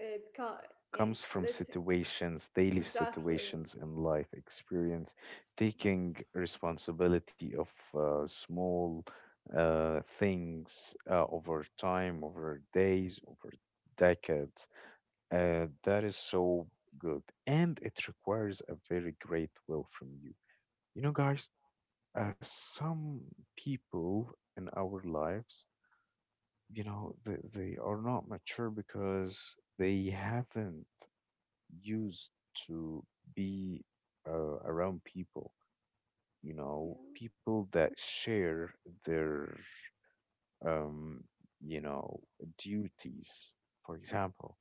B: uh, beca- yeah,
A: Comes from
B: let's say
A: situations, daily
B: exactly,
A: situations and life experience, taking responsibility of small things over time, over days, over decades. That is so good. And it requires a very great will from you. You know, guys, some people in our lives, you know, they are not mature because they haven't used to be around people, you know,
B: yeah
A: people that share their, um, you know, duties. For example,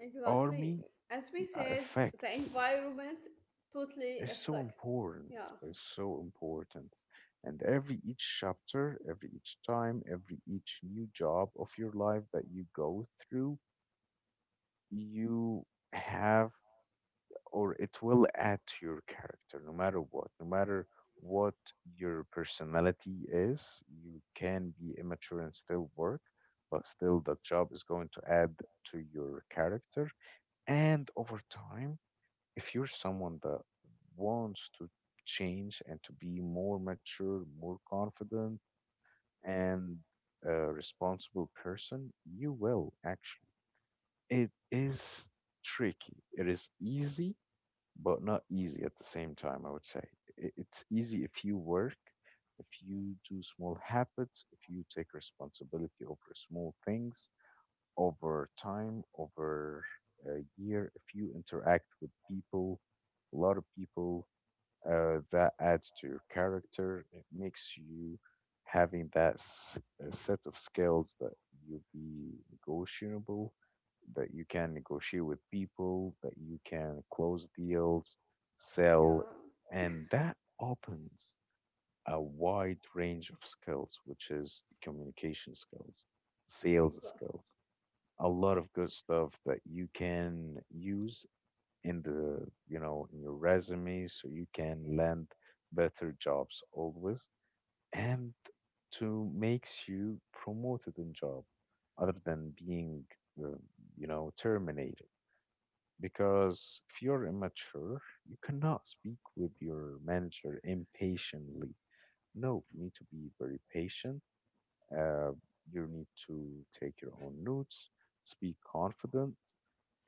B: exactly,
A: army
B: as we said, the
A: effects
B: environment totally
A: is so
B: affects. Yeah,
A: important, is so important. And every each chapter, every each time, every each new job of your life that you go through, you have, or it will add to your character, no matter what, no matter what your personality is. You can be immature and still work, but still the job is going to add to your character. And over time, if you're someone that wants to change and to be more mature, more confident, and a responsible person, you will actually, it is tricky, it is easy, but not easy at the same time, I would say. It's easy if you work, if you do small habits, if you take responsibility over small things, over time, over a year, if you interact with people, a lot of people, that adds to your character. It makes you having that a set of skills that you'll be negotiable, that you can negotiate with people, that you can close deals,
B: yeah,
A: sell, and that opens a wide range of skills, which is communication skills, sales
B: exactly.
A: skills, a lot of good stuff that you can use in the, you know, in your resume, so you can land better jobs always, and to makes you promoted in job, other than being uh, you know, terminated. Because if you're immature, you cannot speak with your manager impatiently. No, you need to be very patient. uh, you need to take your own notes, speak confident,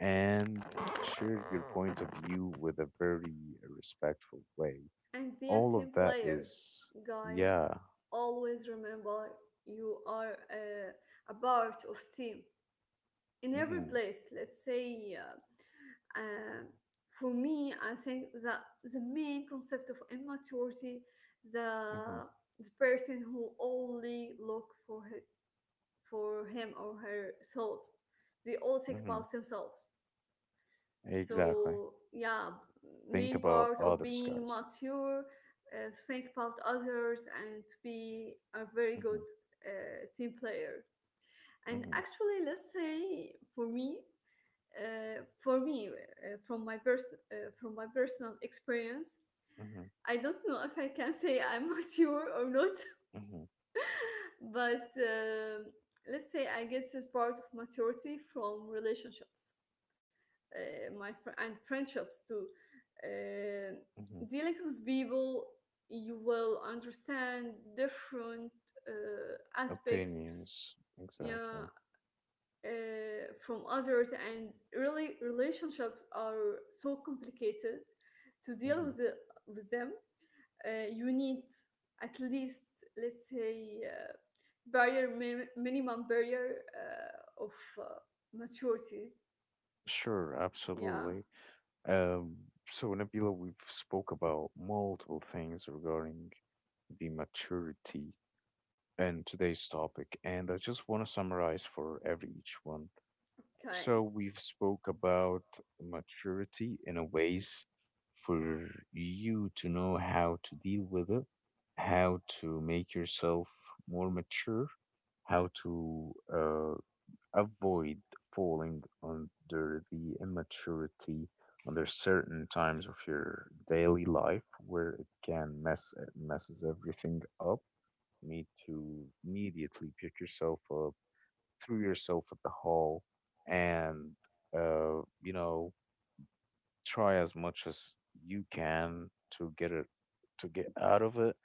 A: and share your point of view with a very respectful way.
B: And be a
A: All of
B: team
A: that
B: player.
A: is,
B: Guys,
A: yeah.
B: always remember you are a part of team in every
A: Mm-hmm,
B: place. Let's say, for me, I think that the main concept of immaturity,
A: mm-hmm,
B: the person who only look for her, for him or herself, they all think
A: mm-hmm.
B: about themselves,
A: Exactly.
B: so yeah
A: Think
B: main
A: about
B: part of
A: others,
B: being
A: guys.
B: mature to think about others and to be a very
A: Mm-hmm,
B: good team player. And
A: mm-hmm,
B: actually let's say for me from my personal experience,
A: mm-hmm,
B: I don't know if I can say I'm [laughs] mature or not,
A: mm-hmm,
B: [laughs] but let's say I get this part of maturity from relationships, and friendships too. Uh,
A: mm-hmm.
B: dealing with people, you will understand different uh, aspects,
A: Opinions,
B: yeah,
A: exactly.
B: uh, from others, and really relationships are so complicated. To deal
A: Mm-hmm.
B: with with them, you need at least let's say minimum barrier of uh, maturity.
A: Sure,
B: Yeah,
A: absolutely. Um, so, Nabila, we've spoke about multiple things regarding the maturity and today's topic, and I just want to summarize for every each one.
B: okay.
A: So we've spoke about maturity in a ways for you to know how to deal with it, how to make yourself more mature, how to avoid falling under the immaturity under certain times of your daily life where it can mess, messes everything up. You need to immediately pick yourself up, threw yourself at the hole, and you know, try as much as you can to get it, to get out of it,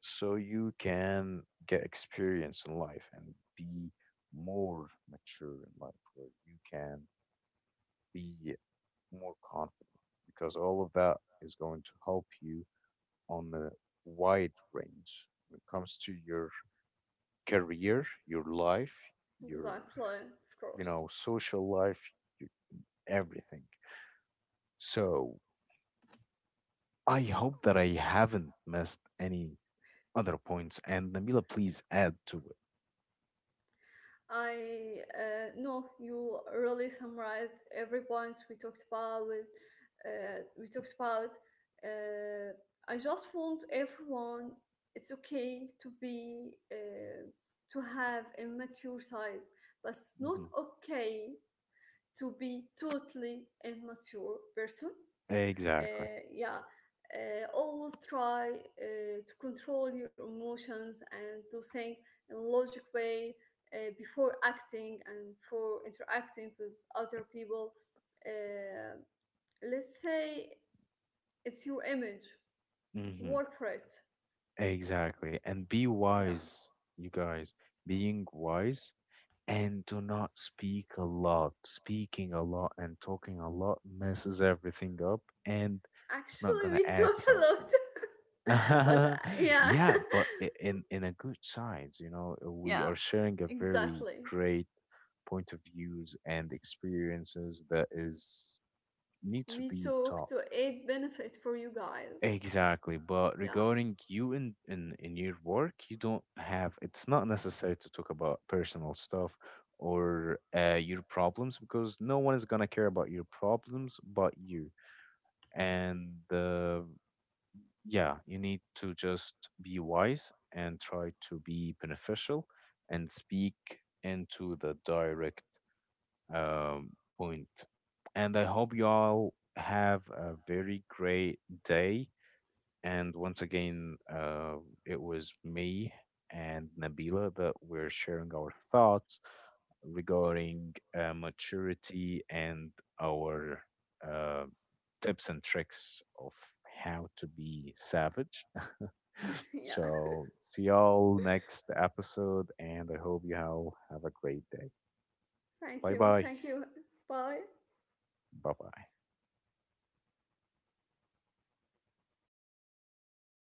A: so you can get experience in life and be more mature in life where you can be more confident, because all of that is going to help you on the wide range when it comes to your career, your life, your,
B: Exactly, of course.
A: social life, y- everything. So I hope that I haven't missed any other points. And Namila, please add to it.
B: I know you really summarized every points we talked about. We talked about. Uh, I just want everyone. It's okay to be to have a mature side, but it's not
A: Hmm.
B: okay to be totally immature person.
A: Exactly.
B: Yeah, always try to control your emotions and to think in a logic way before acting and for interacting with other people. Uh, let's say it's your image.
A: Mm-hmm.
B: Work for it.
A: Exactly. And be
B: Yeah.
A: wise, you guys. Being wise and do not speak a lot. Speaking a lot and talking a lot messes everything up, and it's not
B: Actually,
A: going
B: we
A: to
B: [laughs]
A: add
B: talk a lot,
A: something.
B: [laughs] but
A: [laughs]
B: yeah,
A: Yeah, but in a good science, you know,
B: [laughs]
A: we
B: yeah,
A: are sharing a very
B: exactly.
A: great point of views and experiences that is need to
B: We
A: be
B: talk
A: taught.
B: to aid benefit for you guys.
A: Exactly, but
B: Yeah,
A: regarding you in your work, you don't have. It's not necessary to talk about personal stuff or your problems, because no one is gonna care about your problems but you. And yeah, you need to just be wise and try to be beneficial and speak into the direct um, point. And I hope you all have a very great day. And once again, it was me and Nabila that we're sharing our thoughts regarding maturity and our uh, tips and tricks of how to be savage. [laughs] [laughs]
B: [laughs] yeah.
A: So see y'all next episode, and I hope you all have a great day.
B: Thank
A: Bye
B: you,
A: bye.
B: thank you. Bye.
A: Bye bye.